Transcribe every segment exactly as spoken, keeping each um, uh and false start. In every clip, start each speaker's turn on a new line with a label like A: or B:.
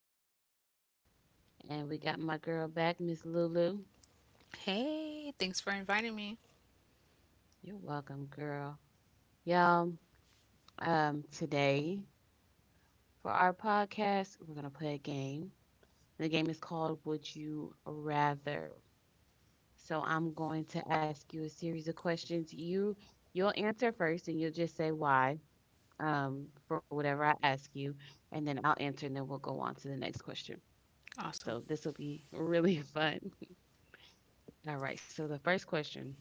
A: your host, Jessica, and we got my girl back, Miss Lulu.
B: Hey, thanks for inviting me.
A: You're welcome, girl. Y'all, um, today for our podcast, we're going to play a game. The game is called Would You Rather? So I'm going to ask you a series of questions. You you'll answer first and you'll just say why um for whatever I ask you, and then I'll answer and then we'll go on to the next question.
B: Awesome.
A: So this will be really fun. All right. So the first question,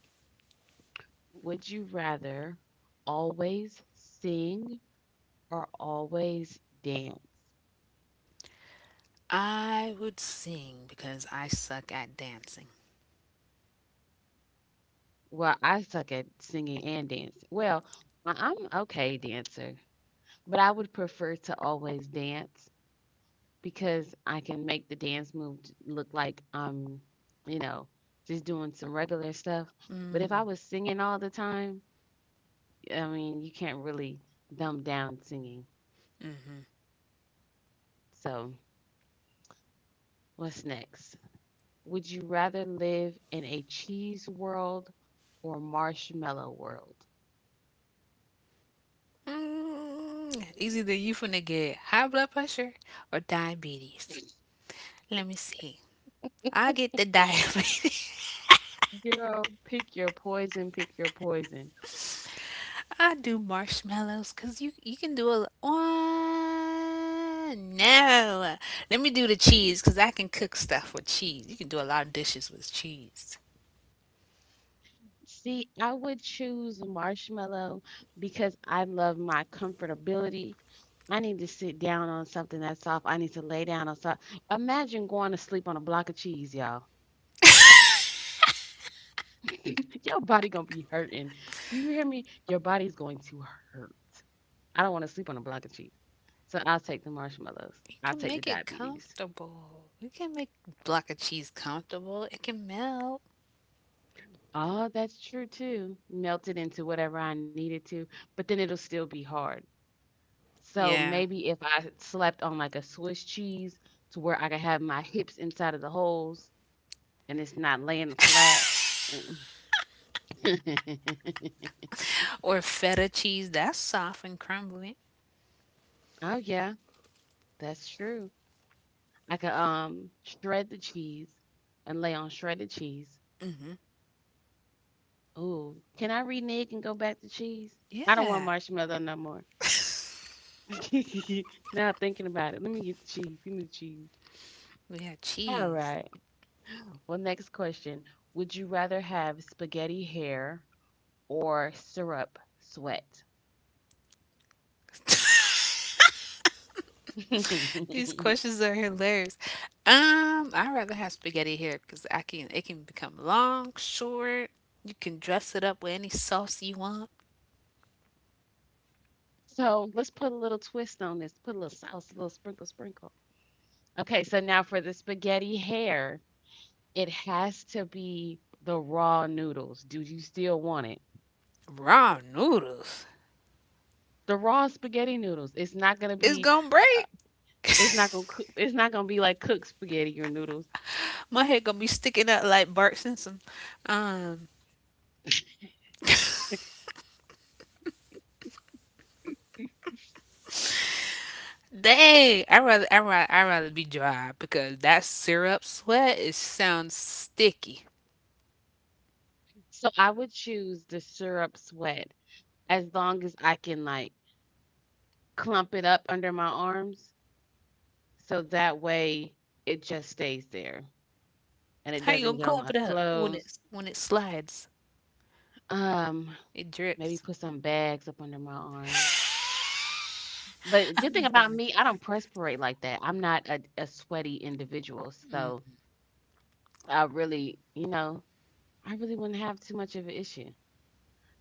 A: would you rather always sing or always dance?
B: I would sing because I suck at dancing.
A: Well, I suck at singing and dancing. Well, I- I'm okay dancer, but I would prefer to always dance because I can make the dance move j- look like I'm, you know, just doing some regular stuff. But if
B: Mm.
A: I was singing all the time, I mean, you can't really dumb down singing. So what's next? Would you rather live in a cheese world or marshmallow world?
B: Mm. It's either you finna get high blood pressure or diabetes. Let me see. I get the diabetes.
A: Girl, pick your poison, pick your poison.
B: I do marshmallows because you, you can do a one. No. Let me do the cheese because I can cook stuff with cheese. You can do a lot of dishes with cheese.
A: See, I would choose marshmallow because I love my comfortability. I need to sit down on something that's soft. I need to lay down on soft. Imagine going to sleep on a block of cheese, y'all. Your body gonna be hurting. Do you hear me? Your body's going to hurt. I don't want to sleep on a block of cheese. So I'll take the marshmallows.
B: You
A: I'll
B: can
A: take the
B: make it
A: diabetes.
B: comfortable. You can make block of cheese comfortable. It can melt.
A: Oh, that's true too. Melt it into whatever I needed to, but then it'll still be hard. So
B: Yeah.
A: maybe if I slept on like a Swiss cheese to where I could have my hips inside of the holes and it's not laying flat. Oh
B: Or feta cheese. That's soft and crumbly.
A: yeah, that's true. I could um shred the cheese and lay on shredded cheese. Ooh, can I renege and go back to cheese? I don't want
B: Yeah.
A: marshmallow no more. Now thinking about it, let me get the cheese. Give me the cheese.
B: We have
A: All
B: cheese.
A: right. Well, next question. Would you rather have spaghetti hair or syrup sweat?
B: These questions are hilarious. Um, I'd rather have spaghetti here because I can. It can become long, short. You can dress it up with any sauce you want.
A: So let's put a little twist on this. Put a little sauce, a little sprinkle, sprinkle. Okay, so now for the spaghetti hair, it has to be the raw noodles. Do you still want it?
B: Raw noodles.
A: The raw spaghetti noodles. It's not gonna
B: It's
A: be.
B: gonna
A: Uh,
B: break.
A: it's not gonna cook, it's not gonna be like cooked spaghetti or noodles.
B: My head gonna be sticking out like Bart Simpson. Um, Dang, I rather I rather I rather be dry because that syrup sweat it sounds sticky.
A: So I would choose the syrup sweat as long as I can like clump it up under my arms, so that way it just stays there and it
B: How you gonna
A: doesn't get on
B: clump
A: my
B: it up when
A: clothes.
B: it's when it slides?
A: Um,
B: It
A: maybe
B: drips.
A: put some bags up under my arms. But the good thing
B: I'm
A: about
B: done.
A: me, I don't perspirate like that. I'm not a, a sweaty individual, so I really, you know, I really wouldn't have too much of an issue.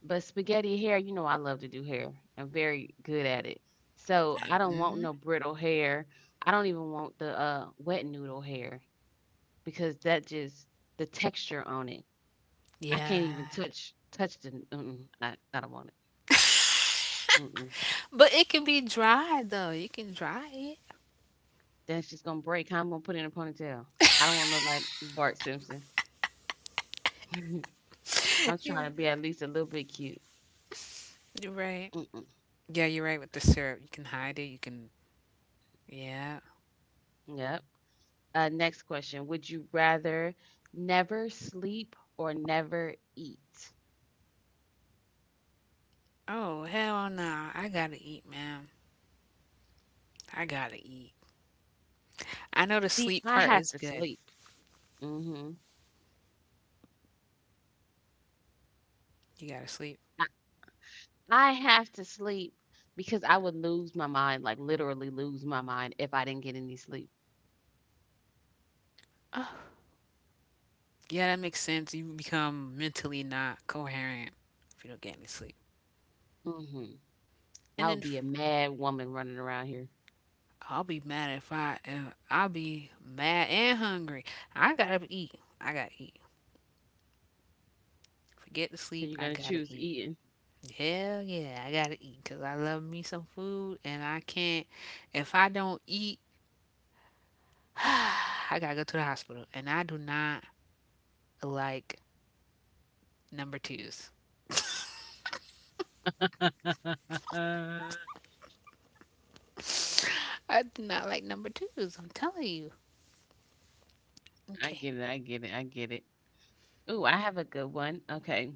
A: But spaghetti hair, you know, I love to do hair. I'm very good at it. So I don't want no brittle hair. I don't even want the uh, wet noodle hair because that just the texture on it. I can't even
B: Yeah,
A: touch touch the. Mm-mm, I I don't want it. Mm-mm.
B: but it can be dry though. You can dry it.
A: Then it's just gonna break. How I'm gonna put it in a ponytail. I don't want to look like Bart Simpson.
B: I
A: I'm trying
B: hear.
A: to be at least a little bit cute.
B: You're right.
A: Mm-mm.
B: Yeah, you're right with the syrup. You can hide it. You can. Yeah.
A: Yep. Uh, next question. Would you rather never sleep or never eat?
B: Oh hell no! I gotta eat, man. I gotta eat. I know the
A: See,
B: sleep
A: I
B: part
A: have
B: is
A: to
B: good.
A: sleep. Hmm.
B: You gotta sleep.
A: I, I have to sleep because I would lose my mind, like literally lose my mind if I didn't get any sleep.
B: Yeah, that makes sense. You become mentally not coherent if you don't get any sleep.
A: Hmm.
B: And
A: I would
B: then
A: be
B: f-
A: a mad woman running around here.
B: I'll be mad if I, uh, I'll be mad and hungry. I gotta eat. I gotta eat. Forget to
A: So you're
B: sleep. I
A: gonna
B: gotta
A: choose
B: eat.
A: eating.
B: Hell yeah, I gotta eat because I love me some food and I can't. If I don't eat, I gotta go to the hospital. And I do not like number twos.
A: I
B: I do not like number twos. I'm telling you. Okay.
A: get it. I get it. I get it. Ooh, I have a good one. Okay.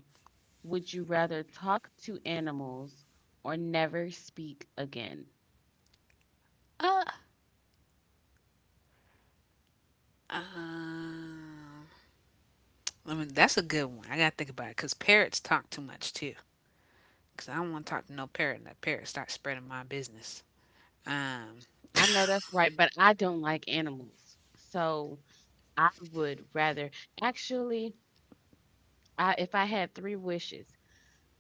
A: Would you rather talk to animals or never speak again?
B: Uh. I mean, that's a good one. I gotta think about it because parrots talk too much too. Because I don't want to talk to no parrot, and that parrot starts spreading my business. Um.
A: I know that's right, but I don't like animals. So I would rather actually, I if I had three wishes,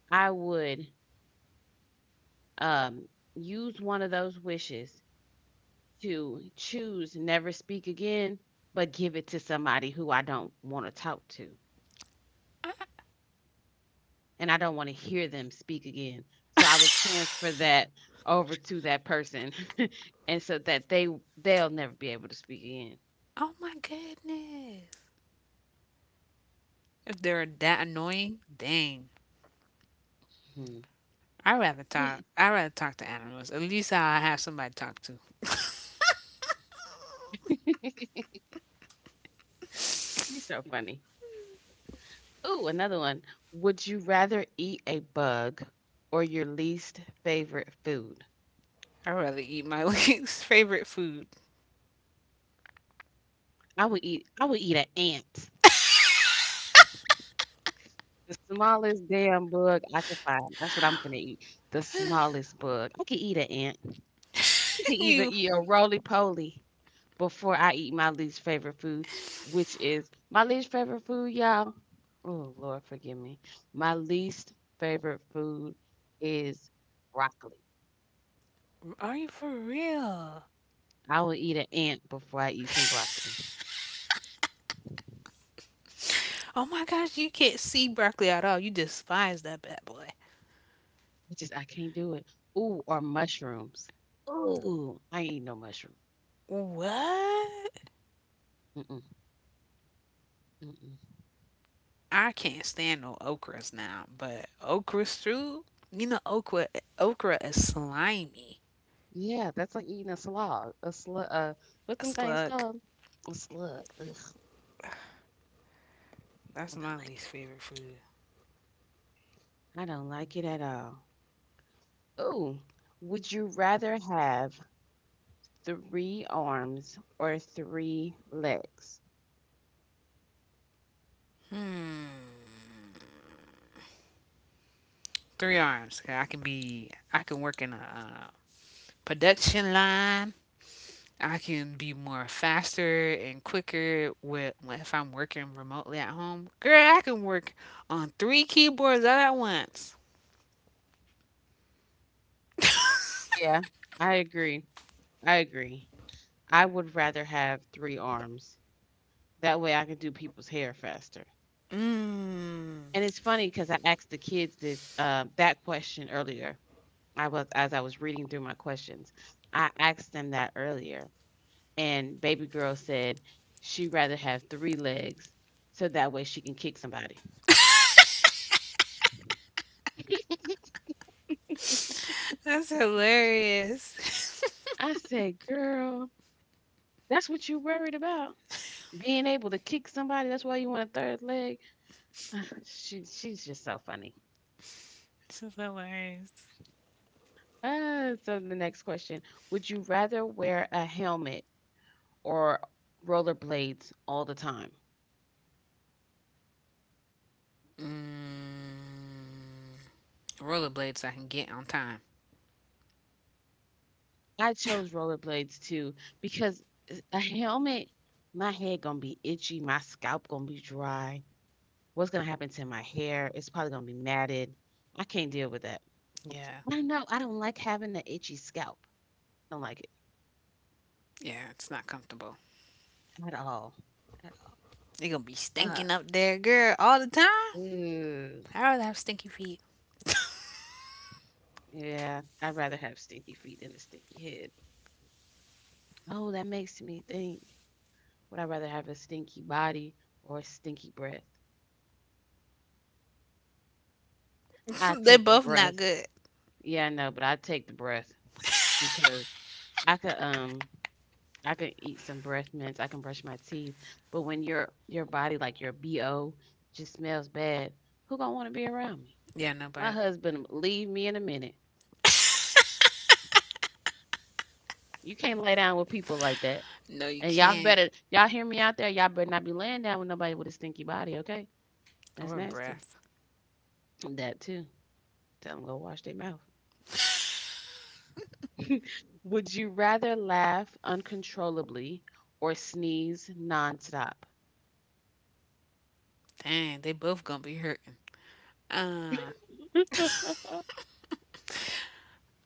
A: I would um use one of those wishes to choose never speak again, but give it to somebody who I don't want to talk to, and I don't wanna hear them speak again. So I would transfer that over to that person, and so that they they'll never be able to speak again.
B: Oh my goodness. If they're that annoying, dang.
A: Mhm.
B: I rather talk. I rather talk to animals. At least I have somebody to talk to.
A: You're so funny. Ooh, another one. Would you rather eat a bug or your least favorite food?
B: I would rather eat my least favorite food.
A: I would eat I would eat an ant. The smallest damn bug I could find. That's what I'm gonna eat. The smallest bug. I could eat an ant to even
B: you
A: eat a roly poly before I eat my least favorite food, which is my least favorite food, y'all. Oh Lord, forgive me. My least favorite food is broccoli.
B: are you for real?
A: I will eat an ant before I eat some broccoli.
B: Oh my gosh, you can't see broccoli at all. You despise that bad boy.
A: It's just I can't do it. Ooh, or mushrooms. Ooh, I ain't eat no mushroom.
B: What?
A: Mm-mm, mm-mm.
B: I can't stand no okras now, but okra stew, you know okra okra is slimy.
A: Yeah, that's like eating a slug. A slug. Uh, what's
B: A
A: them things
B: slug.
A: called? A slug. Ugh,
B: That's
A: I
B: my
A: don't like
B: least
A: it.
B: favorite food.
A: I don't like it at all. Oh, would you rather have three arms or three legs?
B: Three arms. I can be I can work in a uh, production line. I can be more faster and quicker with if I'm working remotely at home. Girl, I can work on three keyboards all at once.
A: Yeah, I agree. I agree. I would rather have three arms. That way I can do people's hair faster.
B: Mmm.
A: And it's funny because I asked the kids this uh, that question earlier. I was as I was reading through my questions, I asked them that earlier, and baby girl said she'd rather have three legs so that way she can kick somebody.
B: That's hilarious.
A: I said, girl, that's what you worried about? Being able to kick somebody. That's why you want a third leg. she, she's just so funny.
B: This is hilarious.
A: Uh, so the next question: would you rather wear a helmet or rollerblades all the time?
B: Mmm. Rollerblades I can get on time.
A: I chose rollerblades too because a helmet, my head gonna be itchy, my scalp gonna be dry. What's gonna happen to my hair? It's probably gonna be matted. I can't deal with that.
B: Yeah.
A: I know I don't like having an itchy scalp. I don't like it
B: Yeah, it's not comfortable.
A: at all.
B: They gonna be
A: Uh,
B: stinking up there, girl, all the time.
A: ooh,
B: I'd rather have stinky feet.
A: yeah, I'd rather have stinky feet than a stinky head. Oh, that makes me think. Would I rather have a stinky body or a stinky breath? I
B: They're
A: take the
B: both not
A: breath.
B: good.
A: Yeah, I know, but I take the breath because I could um I could eat some breath mints, I can brush my teeth, but when your your body like your B O just smells bad, who gonna want to be around me?
B: Yeah,
A: My
B: nobody.
A: husband leave me in a minute. You can't lay down with people like that.
B: No, you
A: And y'all
B: can't.
A: better, y'all hear me out there. Y'all better not be laying down with nobody with a stinky body, okay? That's
B: Or a
A: nasty.
B: breath.
A: That too. Tell them go wash their mouth. Would you rather laugh uncontrollably or sneeze nonstop?
B: Dang, they both gonna be hurting.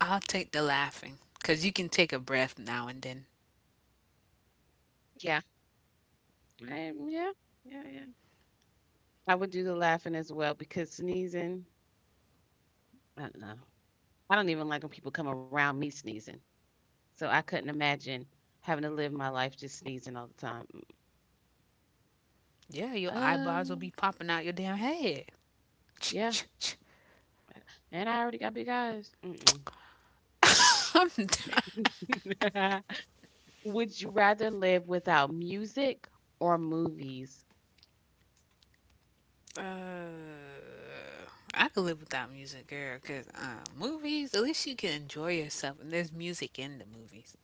B: I'll take the laughing, cause you can take a breath now and then.
A: Yeah. Um, yeah. Yeah. Yeah. I would do the laughing as well because sneezing, I don't know. I don't even like when people come around me sneezing. So I couldn't imagine having to live my life just sneezing all the time.
B: Yeah,
A: Mm,
B: your eyeballs will
A: Um,
B: be popping out your damn head.
A: yeah. And I already got big eyes. Mm-mm.
B: I'm d-
A: Would you rather live without music or movies?
B: I could live without music, girl. Cause uh, movies, at least you can enjoy yourself, and there's music in the movies.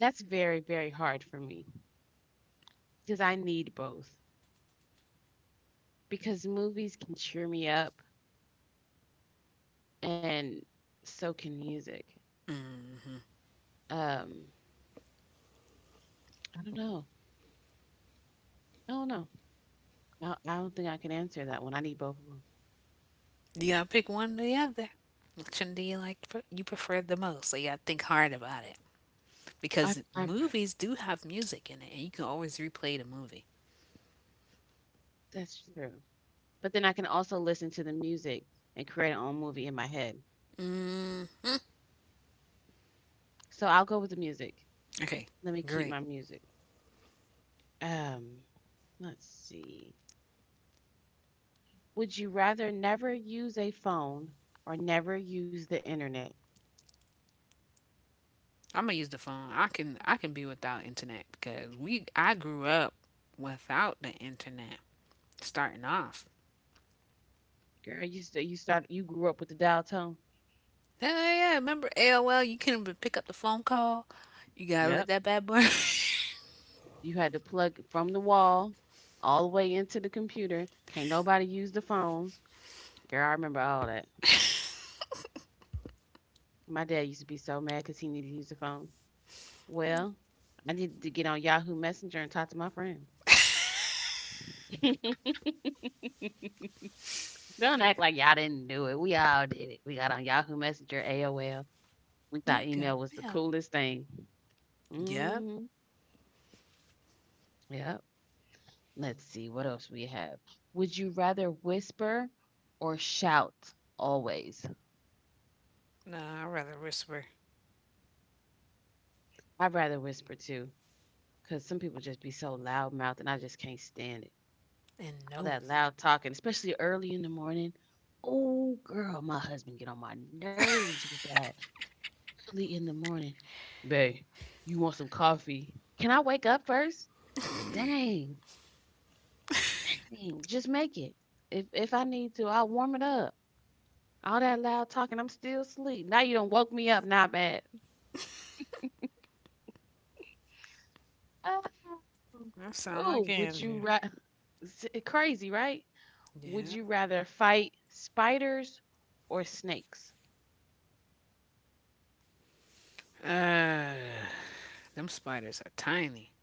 A: That's very, very hard for me because I need both. Because movies can cheer me up and so can music. Um, I don't know. I don't know. I, I don't think I can answer that one. I need both of them.
B: You gotta pick one or the other. Which one do you like? You prefer the most? So you gotta think hard about it
A: I,
B: because
A: I,
B: movies do have music in it, and you can always replay the movie.
A: that's true. But then I can also listen to the music and create an own movie in my head. So I'll go with the music.
B: Okay,
A: Let me keep
B: great.
A: my music. Um, let's see. Would you rather never use a phone or never use the internet?
B: I'm gonna use the phone. I can I can be without internet because we I grew up without the internet. Starting off,
A: Girl, you st- you start you grew up with the dial tone.
B: hell yeah! Remember A O L? You couldn't even pick up the phone call. You gotta let
A: Yep.
B: that bad boy.
A: You had to plug from the wall all the way into the computer. Can't nobody use the phone. Girl, I remember all that. My dad used to be so mad because he needed to use the phone. Well, I needed to get on Yahoo Messenger and talk to my friends. Don't act like y'all didn't do it. We all did it. We got on Yahoo Messenger, A O L. We thought
B: you got
A: email was the
B: mail.
A: coolest thing.
B: Yep.
A: Hmm. Yep. Let's see what else we have. Would you rather whisper or shout always?
B: Nah, I'd rather whisper
A: I'd rather whisper too, because some people just be so loud mouthed and I just can't stand it.
B: and
A: All that
B: nosy.
A: loud talking, especially early in the morning. Oh, girl, my husband get on my nerves with that early in the morning. Babe, you want some coffee? Can I wake up first? Dang. Dang, just make it. If if I need to, I'll warm it up. All that loud talking, I'm still asleep. Now you don't woke me up. Not bad. Oh,
B: That sound like
A: ooh, would you
B: Andrew.
A: rather? Crazy, right? Would
B: Yeah.
A: you rather fight spiders or snakes?
B: Them spiders are tiny.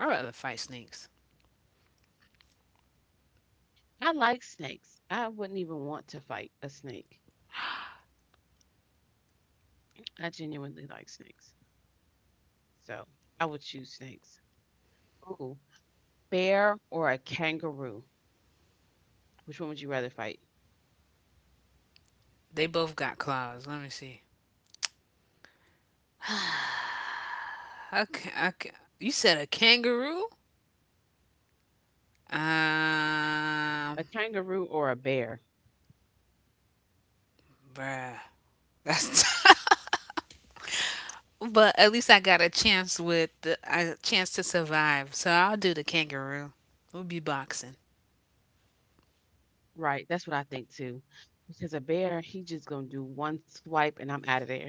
B: I'd rather fight snakes.
A: I like snakes. I wouldn't even want to fight a snake. I genuinely like snakes, so I would choose snakes. Ooh, bear or a kangaroo? Which one would you rather fight?
B: They both got claws. Let me see. A ca- a ca- you said a kangaroo? Um,
A: A kangaroo or a bear?
B: bruh. That's but at least I got a chance with the, a chance to survive. So I'll do the kangaroo. We'll be boxing,
A: Right, that's what I think too. Because a bear, he just gonna do one swipe and I'm out of there.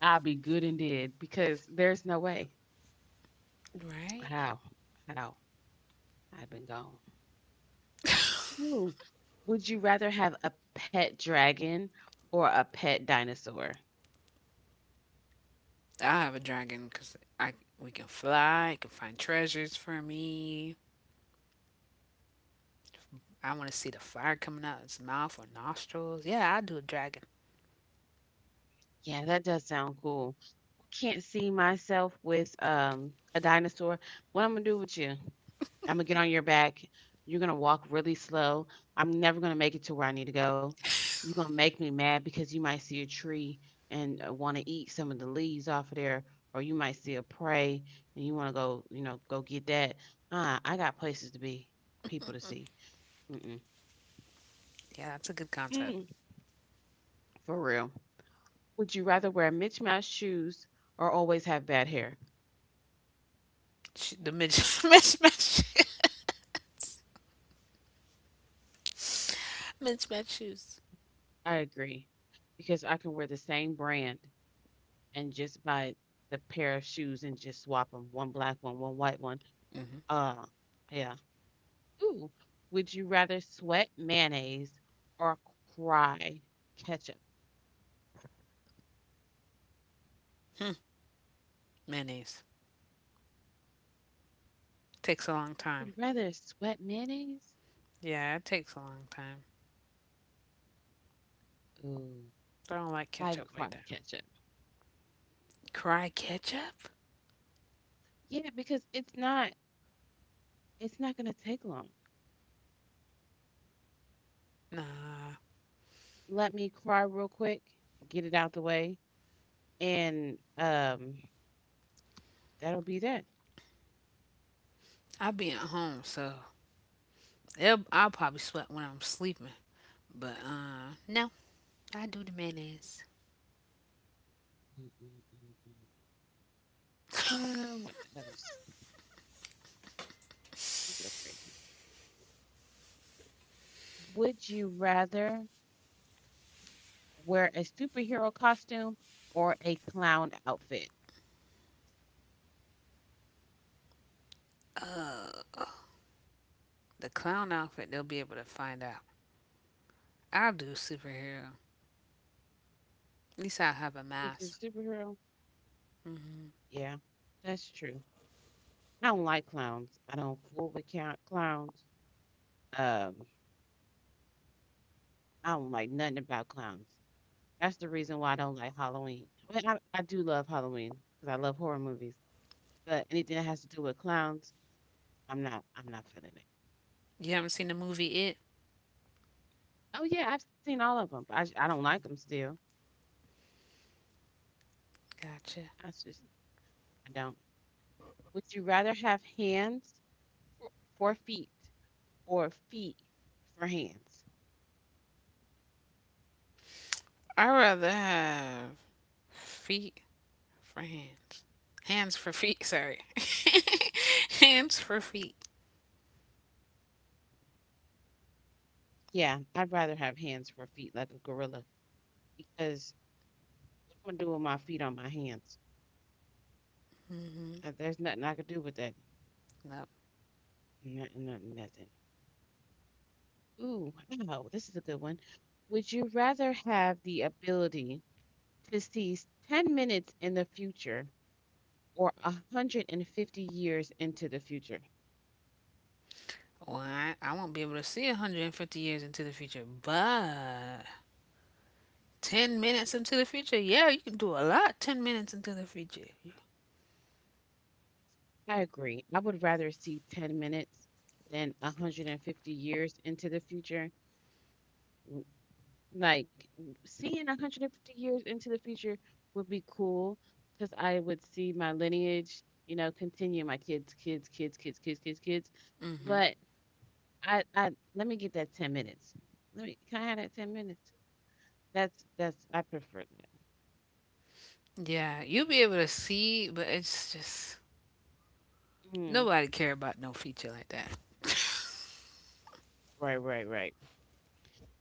A: I'll be good and dead because there's no way.
B: right?
A: How? How? I've been gone. Ooh. Would you rather have a pet dragon or a pet dinosaur?
B: I'll have a dragon because I we can fly. It can find treasures for me. I want to see the fire coming out its mouth or nostrils. Yeah, I'll do a dragon.
A: Yeah, that does sound cool. Can't see myself with um a dinosaur. What I'm gonna do with you? Imma get on your back. You're gonna walk really slow. I'm never gonna make it to where I need to go. You are gonna make me mad because you might see a tree and, uh, wanna eat some of the leaves off of there, or you might see a prey and you wanna go, you know, go get that. Ah, I got places to be, people to see. Mm-mm.
B: Yeah, that's a good
A: Mm-mm.
B: concept.
A: For real. Would you rather wear mismatched Mouse shoes or always have bad hair?
B: Sh- the mid mismatch mismatch shoes.
A: I agree because I can wear the same brand and just buy the pair of shoes and just swap them, one black one, one white one. uh yeah. Ooh, would you rather sweat mayonnaise or cry ketchup?
B: Mayonnaise takes a long time.
A: You'd rather sweat mayonnaise?
B: Yeah, it takes a long time.
A: Ooh,
B: I don't
A: I'd
B: like
A: cry
B: ketchup like that.
A: ketchup.
B: Cry ketchup?
A: Yeah, because it's not, it's not gonna take long.
B: Nah,
A: Let me cry real quick, get it out the way, and um that'll be that.
B: I will be at home, so it'll, I'll probably sweat when I'm sleeping. But uh, no, I do the mayonnaise.
A: Mm, mm, mm, mm. Uh what else? These are crazy. Would you rather wear a superhero costume or a clown outfit?
B: The clown outfit, they'll be able to find out. I'll do superhero. At least I'll have a
A: You did
B: mask.
A: superhero. Yeah, that's true. I don't like clowns. I don't fool with count clowns. Um, I don't like nothing about clowns. That's the reason why I don't like Halloween. I mean, I, I do love Halloween because I love horror movies, but anything that has to do with clowns, I'm not. I'm not feeling it.
B: You haven't seen the movie It?
A: Oh yeah, I've seen all of them, but I, j- I don't like them still.
B: Gotcha.
A: That's just, I don't. Would you rather have hands for, for feet or feet for hands?
B: I'd rather have feet for hands. Hands for feet. Sorry. hands for feet.
A: Yeah, I'd rather have hands for feet like a gorilla because what I'm gonna do with my feet on my hands? Uh, There's nothing I could do with that.
B: Nope.
A: Nothing, nothing, nothing. Ooh, wow, this is a good one. Would you rather have the ability to see ten minutes in the future or one hundred fifty years into the future?
B: Well, I, I won't be able to see a hundred fifty years into the future, but ten minutes into the future, yeah, you can do a lot ten minutes into the future.
A: I agree. I would rather see ten minutes than one hundred fifty years into the future. Like w- seeing one hundred fifty years into the future would be cool because I would see my lineage, you know, continue my kids, kids, kids, kids, kids, kids, kids. But I, I let me get that ten minutes. Let me, can I have that ten minutes? That's, that's, I prefer that.
B: Yeah, you'll be able to see, but it's just
A: Mm,
B: nobody care about no feature like that.
A: right, right, right.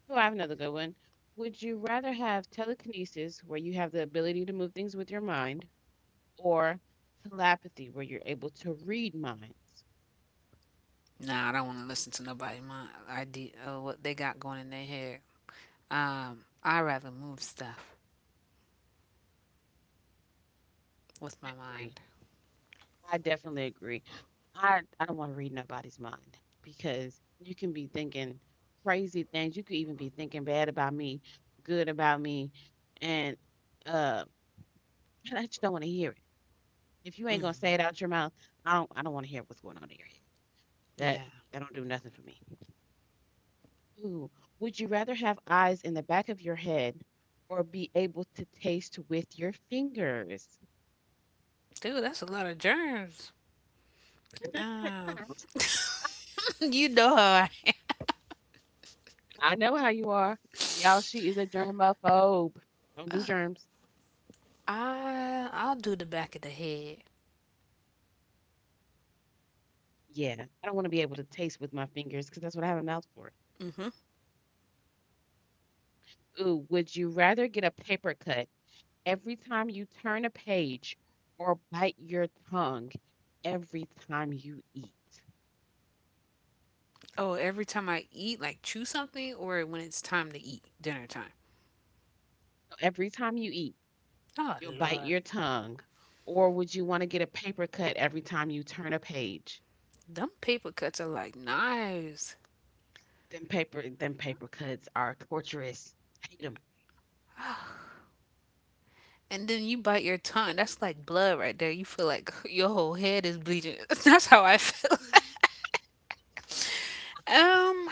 A: Oh, I have another good one. Would you rather have telekinesis, where you have the ability to move things with your mind, or telepathy, where you're able to read minds?
B: Nah, I don't want to listen to nobody. My idea of what they got going in their head. Um, I rather move stuff
A: I
B: with my
A: agree.
B: mind.
A: I definitely agree. I, I don't want to read nobody's mind because you can be thinking crazy things. You could even be thinking bad about me, good about me, and uh, I just don't want to hear it. If you ain't gonna say it out your mouth, I don't. I don't want to hear what's going on in your head. That
B: Yeah,
A: that don't do nothing for me. Ooh, would you rather have eyes in the back of your head or be able to taste with your fingers?
B: dude, that's a lot of germs. Um, you know how I
A: I know how you are, y'all. She is a germaphobe. Don't do germs.
B: I'll i I'll do the back of the head.
A: Yeah, I don't want to be able to taste with my fingers because that's what I have a mouth for. Ooh, would you rather get a paper cut every time you turn a page or bite your tongue every time you eat? So
B: Oh, every time I eat, like chew something, or when it's time to eat, dinner time.
A: every time you eat,
B: Oh
A: you'll bite
B: Lord,
A: your tongue. Or would you want to get a paper cut every time you turn a page?
B: them paper cuts are like knives.
A: Them paper, them paper cuts are torturous. I hate them.
B: And then you bite your tongue. That's like blood right there. You feel like your whole head is bleeding. That's how I feel. um,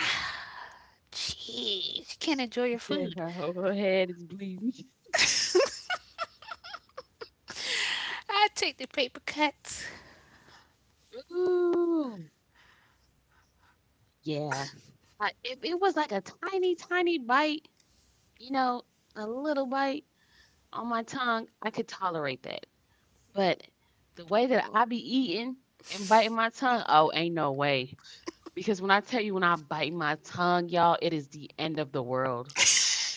B: jeez, you can't enjoy your food.
A: Her whole head is bleeding.
B: I take the paper cuts.
A: Ooh, yeah. I, if it was like a tiny, tiny bite, you know, a little bite on my tongue, I could tolerate that. But the way that I be eating and biting my tongue, oh, ain't no way. Because when I tell you, when I bite my tongue, y'all, it is the end of the world.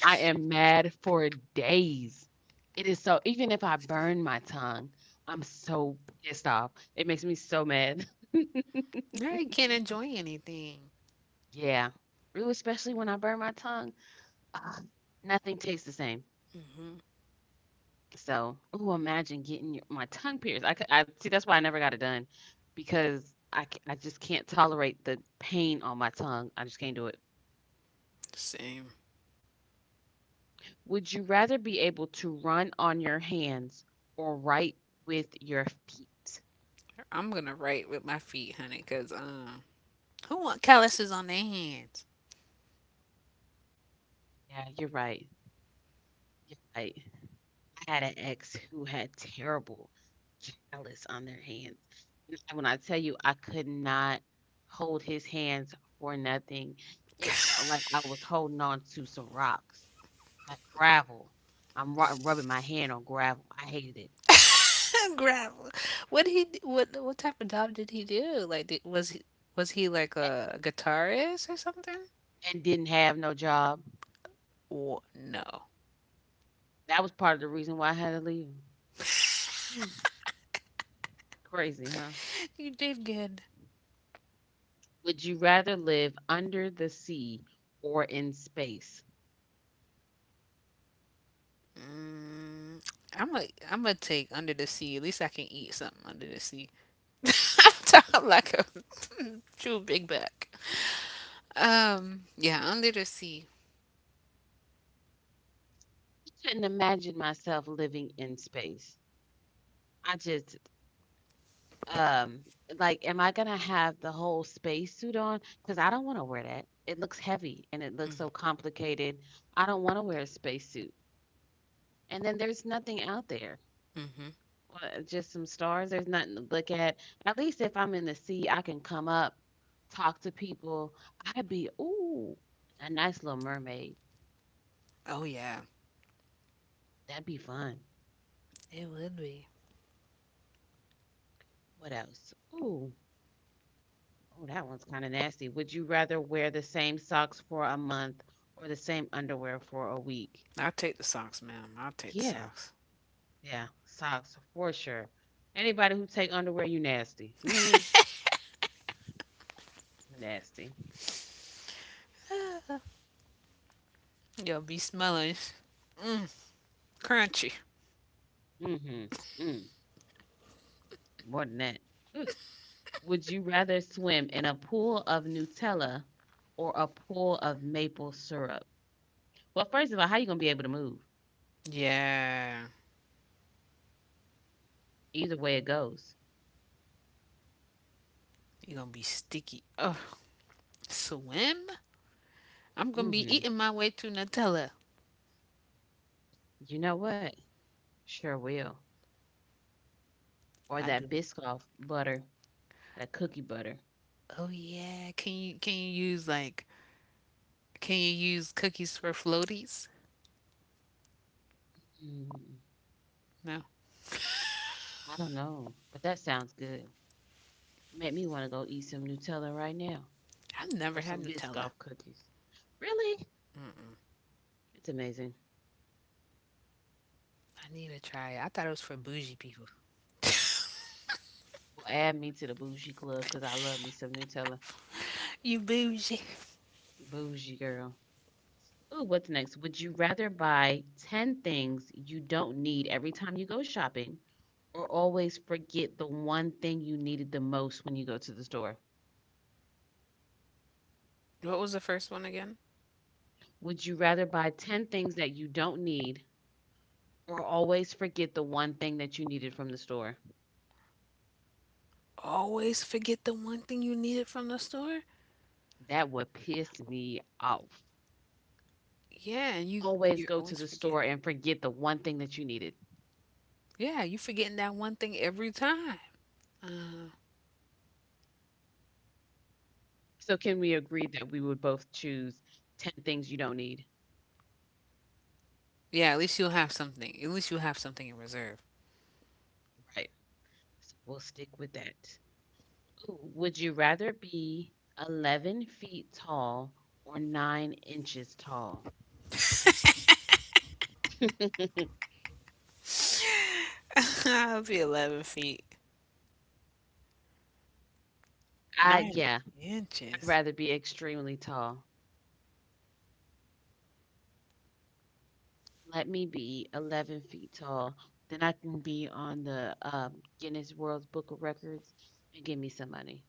A: I am mad for days. It is so, even if I burn my tongue, I'm so pissed off. It makes me so mad.
B: I can't enjoy anything.
A: Yeah. Really, especially when I burn my tongue, ugh, nothing tastes the same. So, ooh, imagine getting your my tongue pierced. I c I see, that's why I never got it done because I c I just can't tolerate the pain on my tongue. I just can't do it.
B: Same.
A: Would you rather be able to run on your hands or write with your feet?
B: I'm gonna write with my feet, honey, cause um. Who want calluses on their hands.
A: Yeah, you're right. You're right. I had an ex who had terrible callus on their hands. And when I tell you, I could not hold his hands for nothing, it felt like I was holding on to some rocks. Like gravel. I'm ru Rubbing my hand on gravel. I hated it
B: Gravel. What he what what type of job did he do? Like did, was he was he like a guitarist or something?
A: and didn't have no job.
B: Wha no.
A: That was part of the reason why I had to leave. Hmm, crazy, huh?
B: You did good.
A: Would you rather live under the sea or in space?
B: Mm, I'm a I'm gonna take under the sea. At least I can eat something under the sea. I'm talking like a true big back. Um, yeah, under the sea.
A: I couldn't imagine myself living in space. I just, um, like, am I gonna have the whole spacesuit on? Because I don't want to wear that. It looks heavy and it looks so complicated. I don't want to wear a spacesuit. And then there's nothing out there.
B: Mm-hmm.
A: What, just some stars? There's nothing to look at. At least if I'm in the sea, I can come up, talk to people. I'd be, ooh, a nice little mermaid.
B: Oh yeah,
A: That'd be fun.
B: it would be.
A: What else? Ooh, oh, that one's kind of nasty. Would you rather wear the same socks for a month or the same underwear for a week?
B: I'll take the socks, ma'am. I'll take the
A: Yeah,
B: socks.
A: yeah, socks for sure. Anybody who take underwear, you nasty. You hear me? Nasty.
B: Yo, be smelling crunchy.
A: Mm-hmm. Mm, more than that. Would you rather swim in a pool of Nutella or a pool of maple syrup? Well, first of all, how you gonna be able to move?
B: Yeah,
A: Either way it goes.
B: you're gonna be sticky. Oh, swim? I'm gonna be
A: Hmm.
B: eating my way through Nutella.
A: You know what? Sure will. Or
B: I
A: that
B: do.
A: Biscoff butter, that cookie butter.
B: Oh yeah, can you can you use like can you use cookies for floaties?
A: Mm,
B: No,
A: I don't know, but that sounds good. Make me want to go eat some Nutella right now
B: I've never
A: or
B: had
A: some
B: Nutella.
A: Biscoff cookies. Really? It's amazing.
B: I need to try it. I thought it was for bougie people.
A: Well, add me to the bougie club because I love me some Nutella.
B: You bougie.
A: Bougie girl. Ooh, what's next? Would you rather buy ten things you don't need every time you go shopping or always forget the one thing you needed the most when you go to the store?
B: What was the first one again?
A: Would you rather buy ten things that you don't need or always forget the one thing that you needed from the store?
B: Always forget the one thing you needed from the store.
A: That would piss me off.
B: Yeah, and you
A: Always
B: you're
A: go to
B: always
A: the store
B: forgetting.
A: and forget the one thing that you needed.
B: Yeah, you forgetting that one thing every time.
A: So, can we agree that we would both choose ten things you don't need?
B: Yeah, at least you'll have something. At least you'll have something in reserve.
A: Right. So, we'll stick with that. Would you rather be eleven feet tall or nine inches tall?
B: I'll be eleven feet.
A: I,
B: Nine
A: yeah, I'd
B: inches.
A: rather be extremely tall. Let me be eleven feet tall, then I can be on the, um, Guinness World Book of Records and give me some money.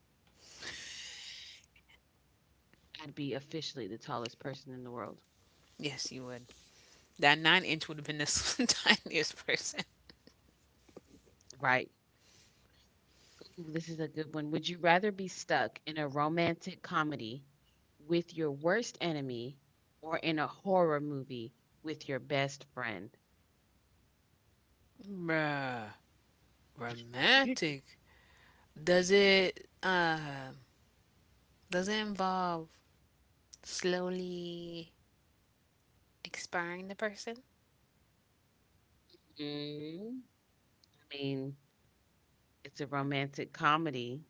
A: I'd be officially the tallest person in the world.
B: Yes, you would. That nine inch would have been the tiniest person.
A: Right. Ooh, this is a good one. Would you rather be stuck in a romantic comedy with your worst enemy or in a horror movie with your best friend?
B: Bruh. Romantic. Does it, uh, does it involve slowly expiring the person?
A: Mm, I mean, it's a romantic comedy,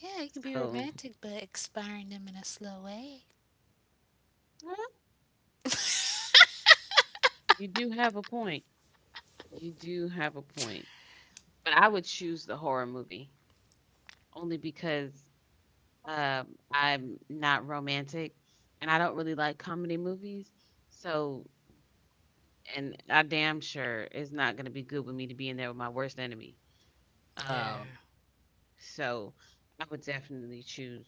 B: Yeah, it could be
A: so
B: romantic, but expiring them in a slow way.
A: eh, you do have a point. You do have a point. But I would choose the horror movie only because um, I'm not romantic and I don't really like comedy movies. So, and I damn sure it's not gonna be good with me to be in there with my worst enemy. Um,
B: Yeah.
A: so I would definitely choose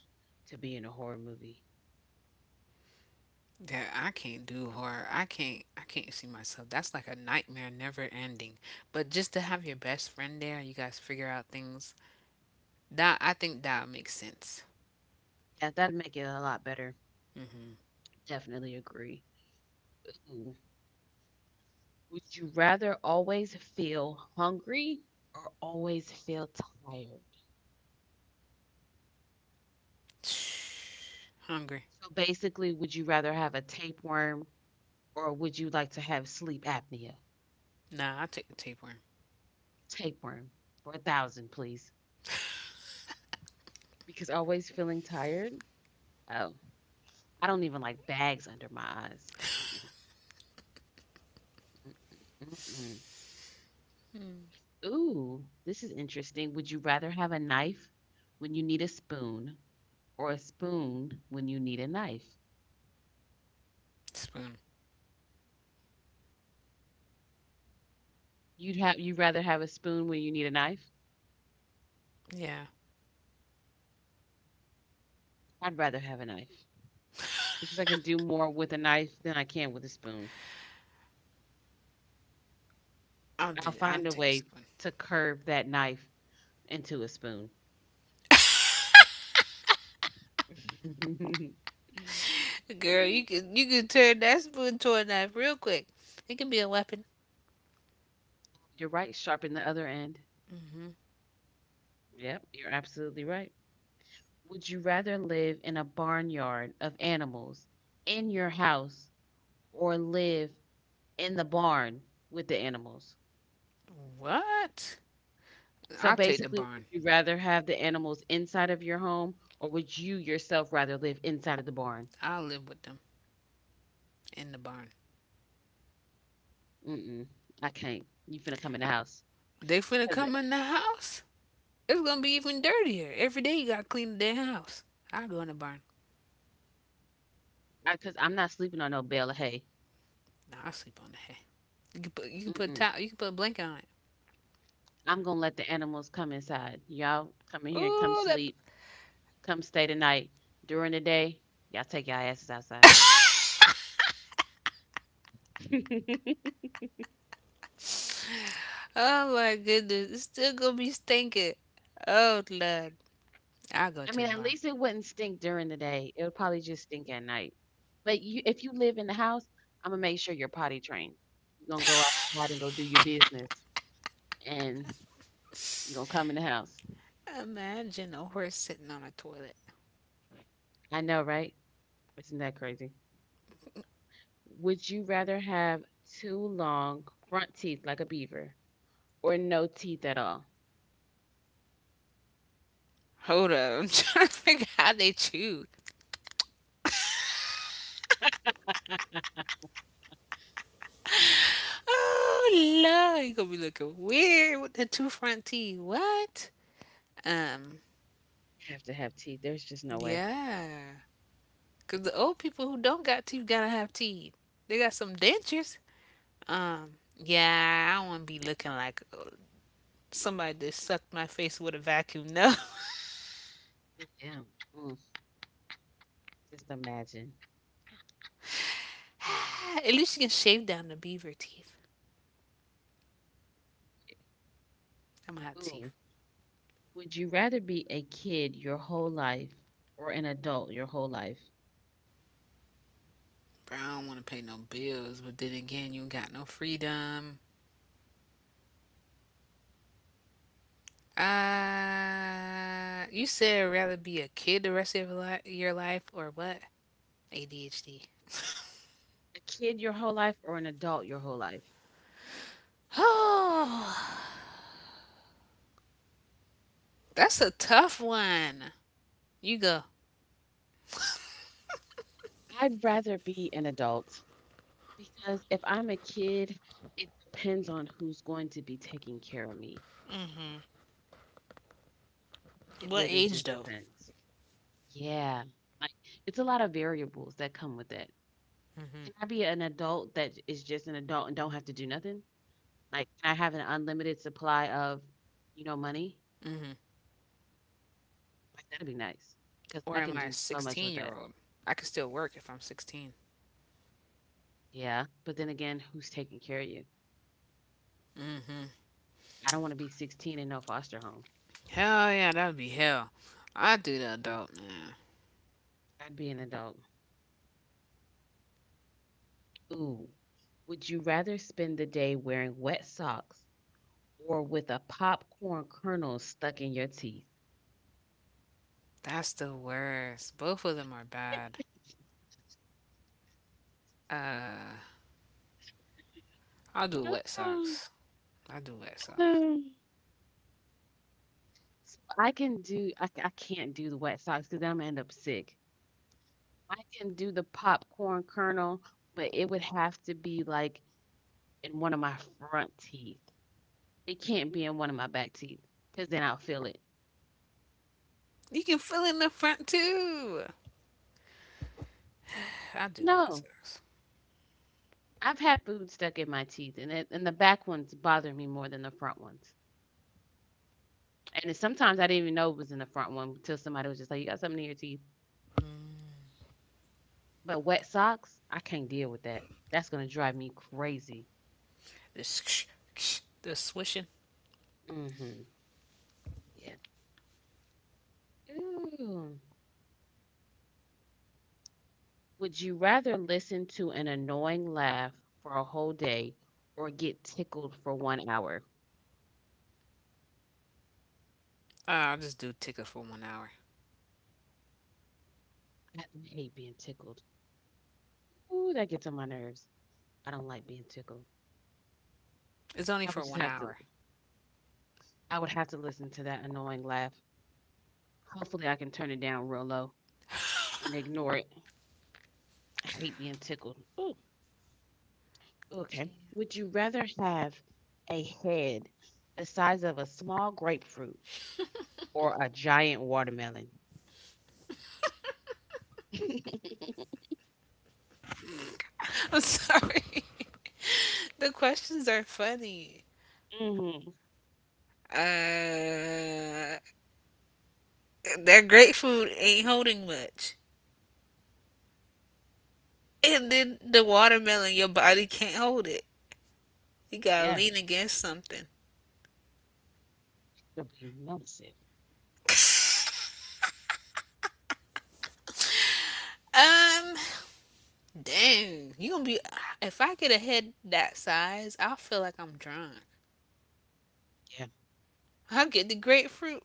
A: to be in a horror movie.
B: Yeah, I can't do horror. I can't I can't see myself. That's like a nightmare never ending. But just to have your best friend there, you guys figure out things That I think that makes sense.
A: Yeah, that'd make it a lot better. Definitely agree. Ooh. Would you rather always feel hungry or always feel tired?
B: Shh. Hungry.
A: So basically, would you rather have a tapeworm or would you like to have sleep apnea?
B: Nah, I take the tapeworm.
A: Tapeworm for a thousand, please. Because always feeling tired? Oh. I don't even like bags under my eyes. Mm-mm, mm-mm, mm-mm. Ooh, this is interesting. Would you rather have a knife when you need a spoon or a spoon when you need a knife?
B: Spoon.
A: You'd have you'd rather have a spoon when you need a knife?
B: Yeah.
A: I'd rather have a knife because I can do more with a knife than I can with a spoon.
B: I'll
A: I'll
B: do I'll
A: find a
B: take the
A: way
B: spoon.
A: to curve that knife into a spoon.
B: Girl, you can you can turn that spoon to a knife real quick. It can be a weapon.
A: You're right, sharpen the other end. Yep, you're absolutely right. Would you rather live in a barnyard of animals in your house or live in the barn with the animals?
B: What?
A: So
B: I'll take the
A: basically, would
B: barn.
A: you rather have the animals inside of your home or would you yourself rather live inside of the barn?
B: I'll live with them in the barn.
A: Mm-mm, I can't. You finna come in the house
B: They finna
A: because
B: come in the house. It's gonna be even dirtier. Every day you gotta clean the damn house. I'll go in the barn.
A: I, cause I'm not sleeping on no bale of hay.
B: Nah, I'll sleep on the hay. You can put you can put a
A: Mm-mm.
B: towel you can put a blanket on it.
A: I'm gonna let the animals come inside. Y'all come in here and come
B: Ooh, that
A: sleep, come stay the night. During the day, y'all take your asses outside.
B: Oh my goodness, it's still gonna be stinking. Oh Lord, I'll go
A: I
B: to
A: mean,
B: the
A: at
B: barn.
A: least it wouldn't stink during the day. It would probably just stink at night. But you, if you live in the house, I'm gonna make sure you're potty trained. You're gonna go outside and go do your business, and you're gonna come in the house.
B: Imagine a horse sitting on a toilet.
A: I know, right? Isn't that crazy? Would you rather have two long front teeth like a beaver, or no teeth at all?
B: Hold up, I'm trying to figure out how they chew. Oh Lord, you gonna be looking weird with the two front teeth. What? Um,
A: You have to have teeth. There's just no way.
B: yeah. 'Cause the old people who don't got teeth gotta have teeth. They got some dentures. Um, yeah, I don't wanna be looking like uh, somebody that sucked my face with a vacuum. No.
A: Yeah. Mm, just imagine.
B: At least you can shave down the beaver teeth. I'm hot teeth.
A: Ooh. Would you rather be a kid your whole life or an adult your whole life?
B: Bro, I don't want to pay no bills, but then again, you ain't got no freedom. Uh, you said rather be a kid the rest of your li- your life or what? A D H D.
A: A kid your whole life or an adult your whole life?
B: Oh, that's a tough one. You go.
A: I'd rather be an adult because if I'm a kid, it depends on who's going to be taking care of me. It
B: What
A: really
B: age
A: just
B: though?
A: depends. Yeah. Like it's a lot of variables that come with it. Can I be an adult that is just an adult and don't have to do nothing? Like can I have an unlimited supply of, you know, money? Like that'd be nice cuz
B: Or
A: I
B: am
A: can
B: I a
A: do so much with
B: 16 year
A: that.
B: old? I could still work if I'm sixteen.
A: Yeah. But then again, who's taking care of you? I don't want to be sixteen and no foster home.
B: Hell yeah, that would be hell. I do the adult, man.
A: I'd be an adult. Ooh. Would you rather spend the day wearing wet socks or with a popcorn kernel stuck in your teeth?
B: That's the worst. Both of them are bad. I do wet
A: Um,
B: socks. I do wet socks.
A: um, So I can do, I, c- I can't do the wet socks because I'm gonna end up sick. I can do the popcorn kernel, but it would have to be like in one of my front teeth. It can't be in one of my back teeth because then I'll feel it.
B: You can fill in the front too. I do wet
A: No,
B: socks.
A: I've had food stuck in my teeth, and it, and the back ones bother me more than the front ones. And sometimes I didn't even know it was in the front one until somebody was just like, "You got something in your teeth." But wet socks, I can't deal with that. That's gonna drive me crazy.
B: This ksh, ksh, the swishing.
A: Mm-hmm. Yeah. Ooh. Would you rather listen to an annoying laugh for a whole day or get tickled for one hour?
B: Uh, I'll just do tickets for one hour.
A: I hate being tickled. Ooh, that gets on my nerves. I don't like being tickled.
B: It's only
A: I
B: for
A: would just
B: one
A: have to.
B: hour.
A: I would have to listen to that annoying laugh. Hopefully, I can turn it down real low and ignore it. I hate being tickled. Ooh. Okay. Would you rather have a head the size of a small grapefruit or a giant watermelon?
B: I'm sorry. the questions are funny.
A: Hmm.
B: Uh, that grapefruit ain't holding much, and then the watermelon, your body can't hold it. You gotta
A: Yeah,
B: lean against something.
A: it'll be massive.
B: Um, Dang, you gonna be. If I get a head that size, I'll feel like I'm drunk.
A: Yeah,
B: I'll get the grapefruit.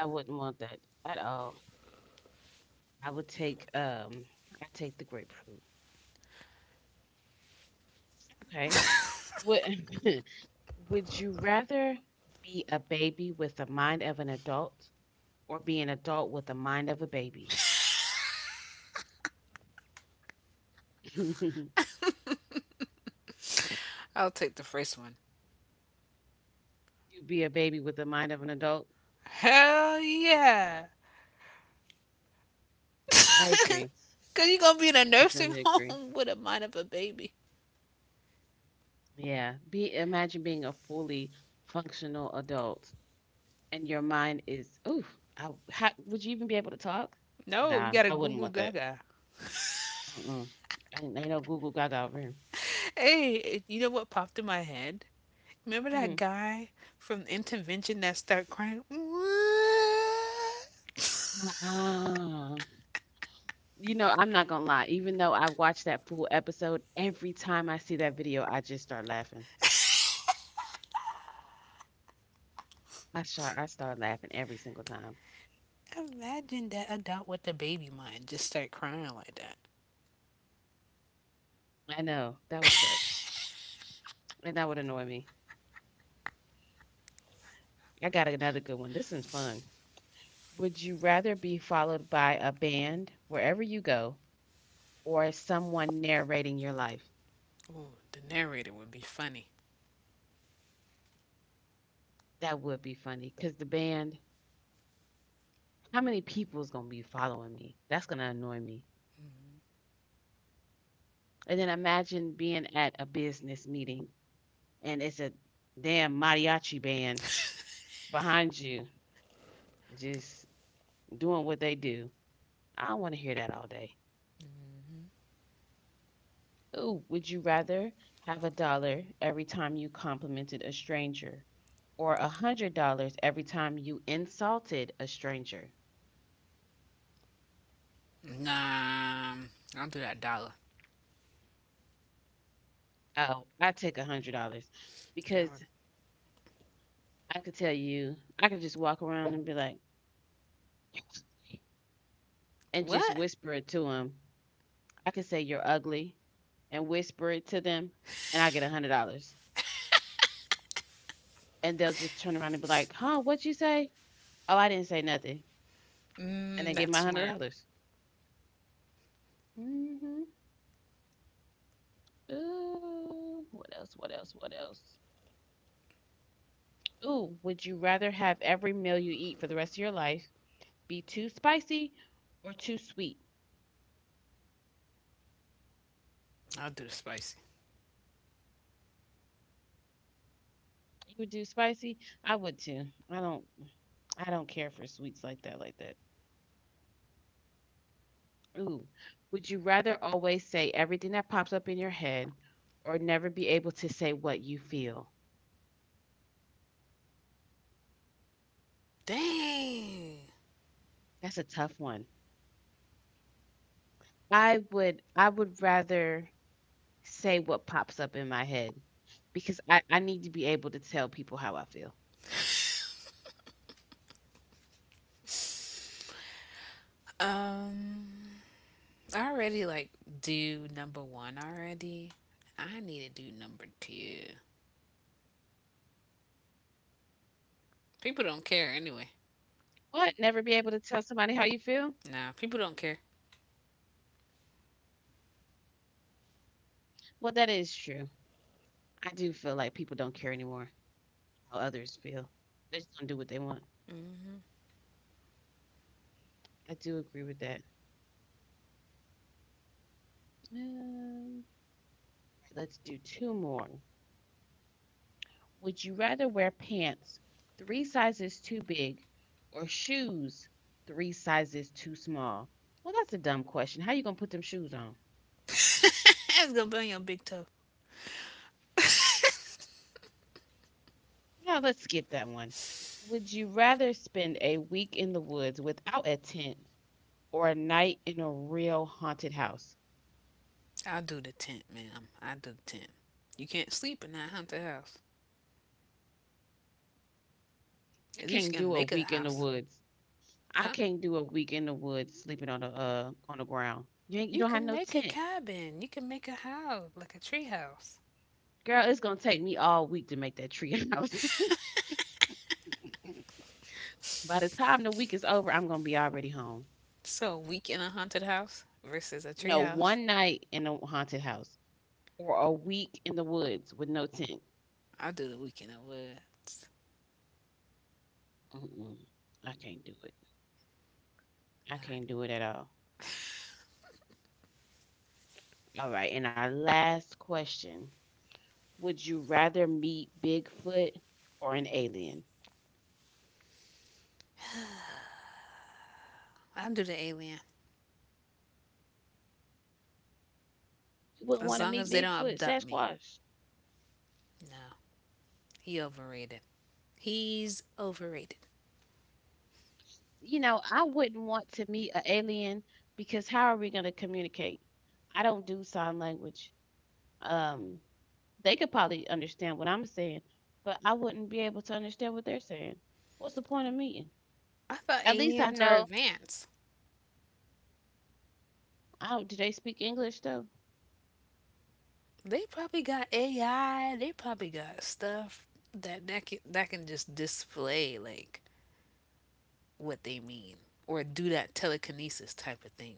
A: I wouldn't want that at all. I would take um, I take the grapefruit. Okay. Would would you rather be a baby with the mind of an adult or be an adult with the mind of a baby?
B: I'll take the first one.
A: You be a baby with the mind of an adult?
B: Hell yeah.
A: I agree.
B: Cause you gonna be in
A: I
B: a nursing
A: definitely agree.
B: home with a mind of a baby.
A: Yeah. Be Imagine being a fully functional adult and your mind is, oof, I, how, would you even be able to talk?
B: No, you
A: Nah,
B: gotta
A: I
B: goo
A: wouldn't
B: goo
A: want that.
B: gaga.
A: Mm-mm. I, Ain't, Ain't no Google Gaga over here.
B: Hey, you know what popped in my head? Remember
A: Hmm.
B: that guy from Intervention that start crying? What?
A: Uh-uh. You know, I'm not gonna lie. Even though I watched that full episode, every time I see that video, I just start laughing. I start, I start laughing every single time.
B: Imagine that adult with the baby mind just start crying like that.
A: I know that would suck, and that would annoy me. I got another good one. This is fun. Would you rather be followed by a band wherever you go or someone narrating your life?
B: Ooh, the narrator would be funny.
A: That would be funny because the band, how many people is going to be following me? That's going to annoy me. And then imagine being at a business meeting and it's a damn mariachi band behind you just doing what they do. I don't want to hear that all day. Oh, would you rather have a dollar every time you complimented a stranger or a hundred dollars every time you insulted a stranger?
B: Nah, I'll do that dollar.
A: Oh, I take a hundred dollars
B: Yeah.
A: because I could tell you, I could just walk around and be like, and just
B: What?
A: whisper it to them. I could say you're ugly and whisper it to them, and I get a hundred dollars. And they'll just turn around and be like, "Huh? What you say? Oh, I didn't say nothing." And
B: Mm,
A: they get
B: that's
A: my hundred
B: smart.
A: dollars. Hmm. Ooh, what else? What else? What else? Ooh, would you rather have every meal you eat for the rest of your life be too spicy or too sweet?
B: I'll do the spicy.
A: You would do spicy? I would too. I don't I don't care for sweets like that like that. Ooh. Would you rather always say everything that pops up in your head or never be able to say what you feel?
B: Dang.
A: That's a tough one. I would I would rather say what pops up in my head because I, I need to be able to tell people how I feel.
B: Um, I already like do number one already. I need to do number two. People don't care anyway.
A: What? Never be able to tell somebody how you feel?
B: Nah, people don't care.
A: Well, that is true. I do feel like people don't care anymore how others feel. They just don't do what they want. I do agree with that. Um, let's do two more. Would you rather wear pants three sizes too big or shoes three sizes too small? Well, that's a dumb question. How you going to put them shoes on?
B: That's gonna be on your big toe.
A: Now, let's skip that one. Would you rather spend a week in the woods without a tent or a night in a real haunted house.
B: I'll do the tent, ma'am. I do the tent. You can't sleep in that haunted house.
A: I
B: At least
A: can't
B: you can
A: do a
B: make a
A: week in the
B: house,
A: woods. I
B: huh?
A: can't do a week in the woods sleeping on the uh on the ground. You ain't you
B: You
A: don't have
B: can
A: no
B: make a
A: tent.
B: cabin. You can make a house like a tree house.
A: Girl, it's gonna take me all week to make that tree house. By the time the week is over, I'm gonna be already home.
B: So, week in a haunted house versus a tree
A: No,
B: house.
A: one night in a haunted house or a week in the woods with no tent.
B: I'll do the week in the woods.
A: Mm-mm. I can't do it. I
B: Nah,
A: can't do it at all. All right, and our last question: would you rather meet Bigfoot or an alien?
B: I'll do the alien.
A: You wouldn't want to
B: As
A: meet
B: long as they
A: Bigfoot,
B: don't abduct me.
A: Sasquatch.
B: No, he overrated. He's overrated.
A: You know, I wouldn't want to meet an alien because how are we going to communicate? I don't do sign language. Um, they could probably understand what I'm saying, but I wouldn't be able to understand what they're saying. What's the point of meeting?
B: I thought
A: At least I
B: aliens are
A: know.
B: advanced.
A: I don't, do they speak English though?
B: They probably got A I. They probably got stuff that that can, that can just display like what they mean or do that telekinesis type of thing.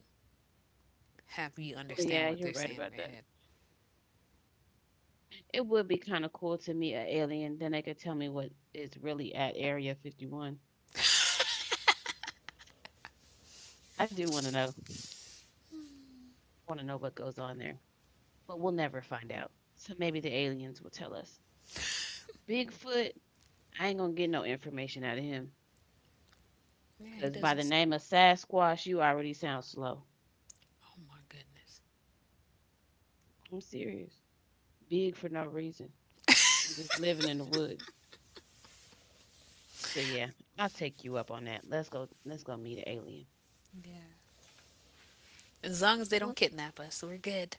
B: Have you
A: Well,
B: understand
A: yeah,
B: what they're
A: you're right
B: saying in their
A: about that.
B: head?
A: It would be kind of cool to meet an alien. Then they could tell me what is really at Area fifty-one. I do want to know. I want to know what goes on there. But we'll never find out. So maybe the aliens will tell us. Bigfoot, I ain't gonna get no information out of him.
B: Yeah, he
A: Cause by
B: doesn't
A: the
B: speak.
A: name of Sasquatch, you already sound slow.
B: Oh my goodness.
A: I'm serious. Big for no reason. I'm just living in the woods. So yeah, I'll take you up on that. Let's go let's go meet an alien.
B: Yeah. As long as they don't
A: What
B: kidnap us, we're good.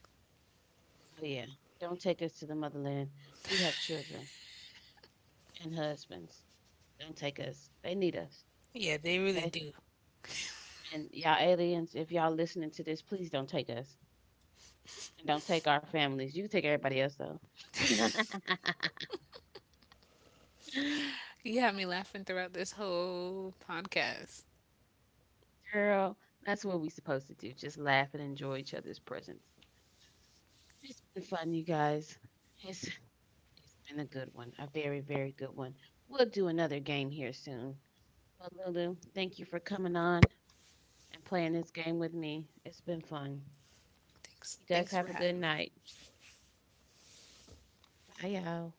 A: oh yeah. Don't take us to the motherland. We have children and husbands. Don't take us. They need us.
B: Yeah, they really
A: Okay?
B: do.
A: And y'all aliens, if y'all listening to this, please don't take us. And don't take our families. You can take everybody else though.
B: You have me laughing throughout this whole podcast.
A: Girl, that's what we supposed to do. Just laugh and enjoy each other's presence. It's been fun, you guys. It's it's been a good one. A very, very good one. We'll do another game here soon. But Lulu, thank you for coming on and playing this game with me. It's been fun.
B: Thanks.
A: You guys
B: Thanks for
A: have a
B: having
A: good
B: me.
A: night. Bye y'all.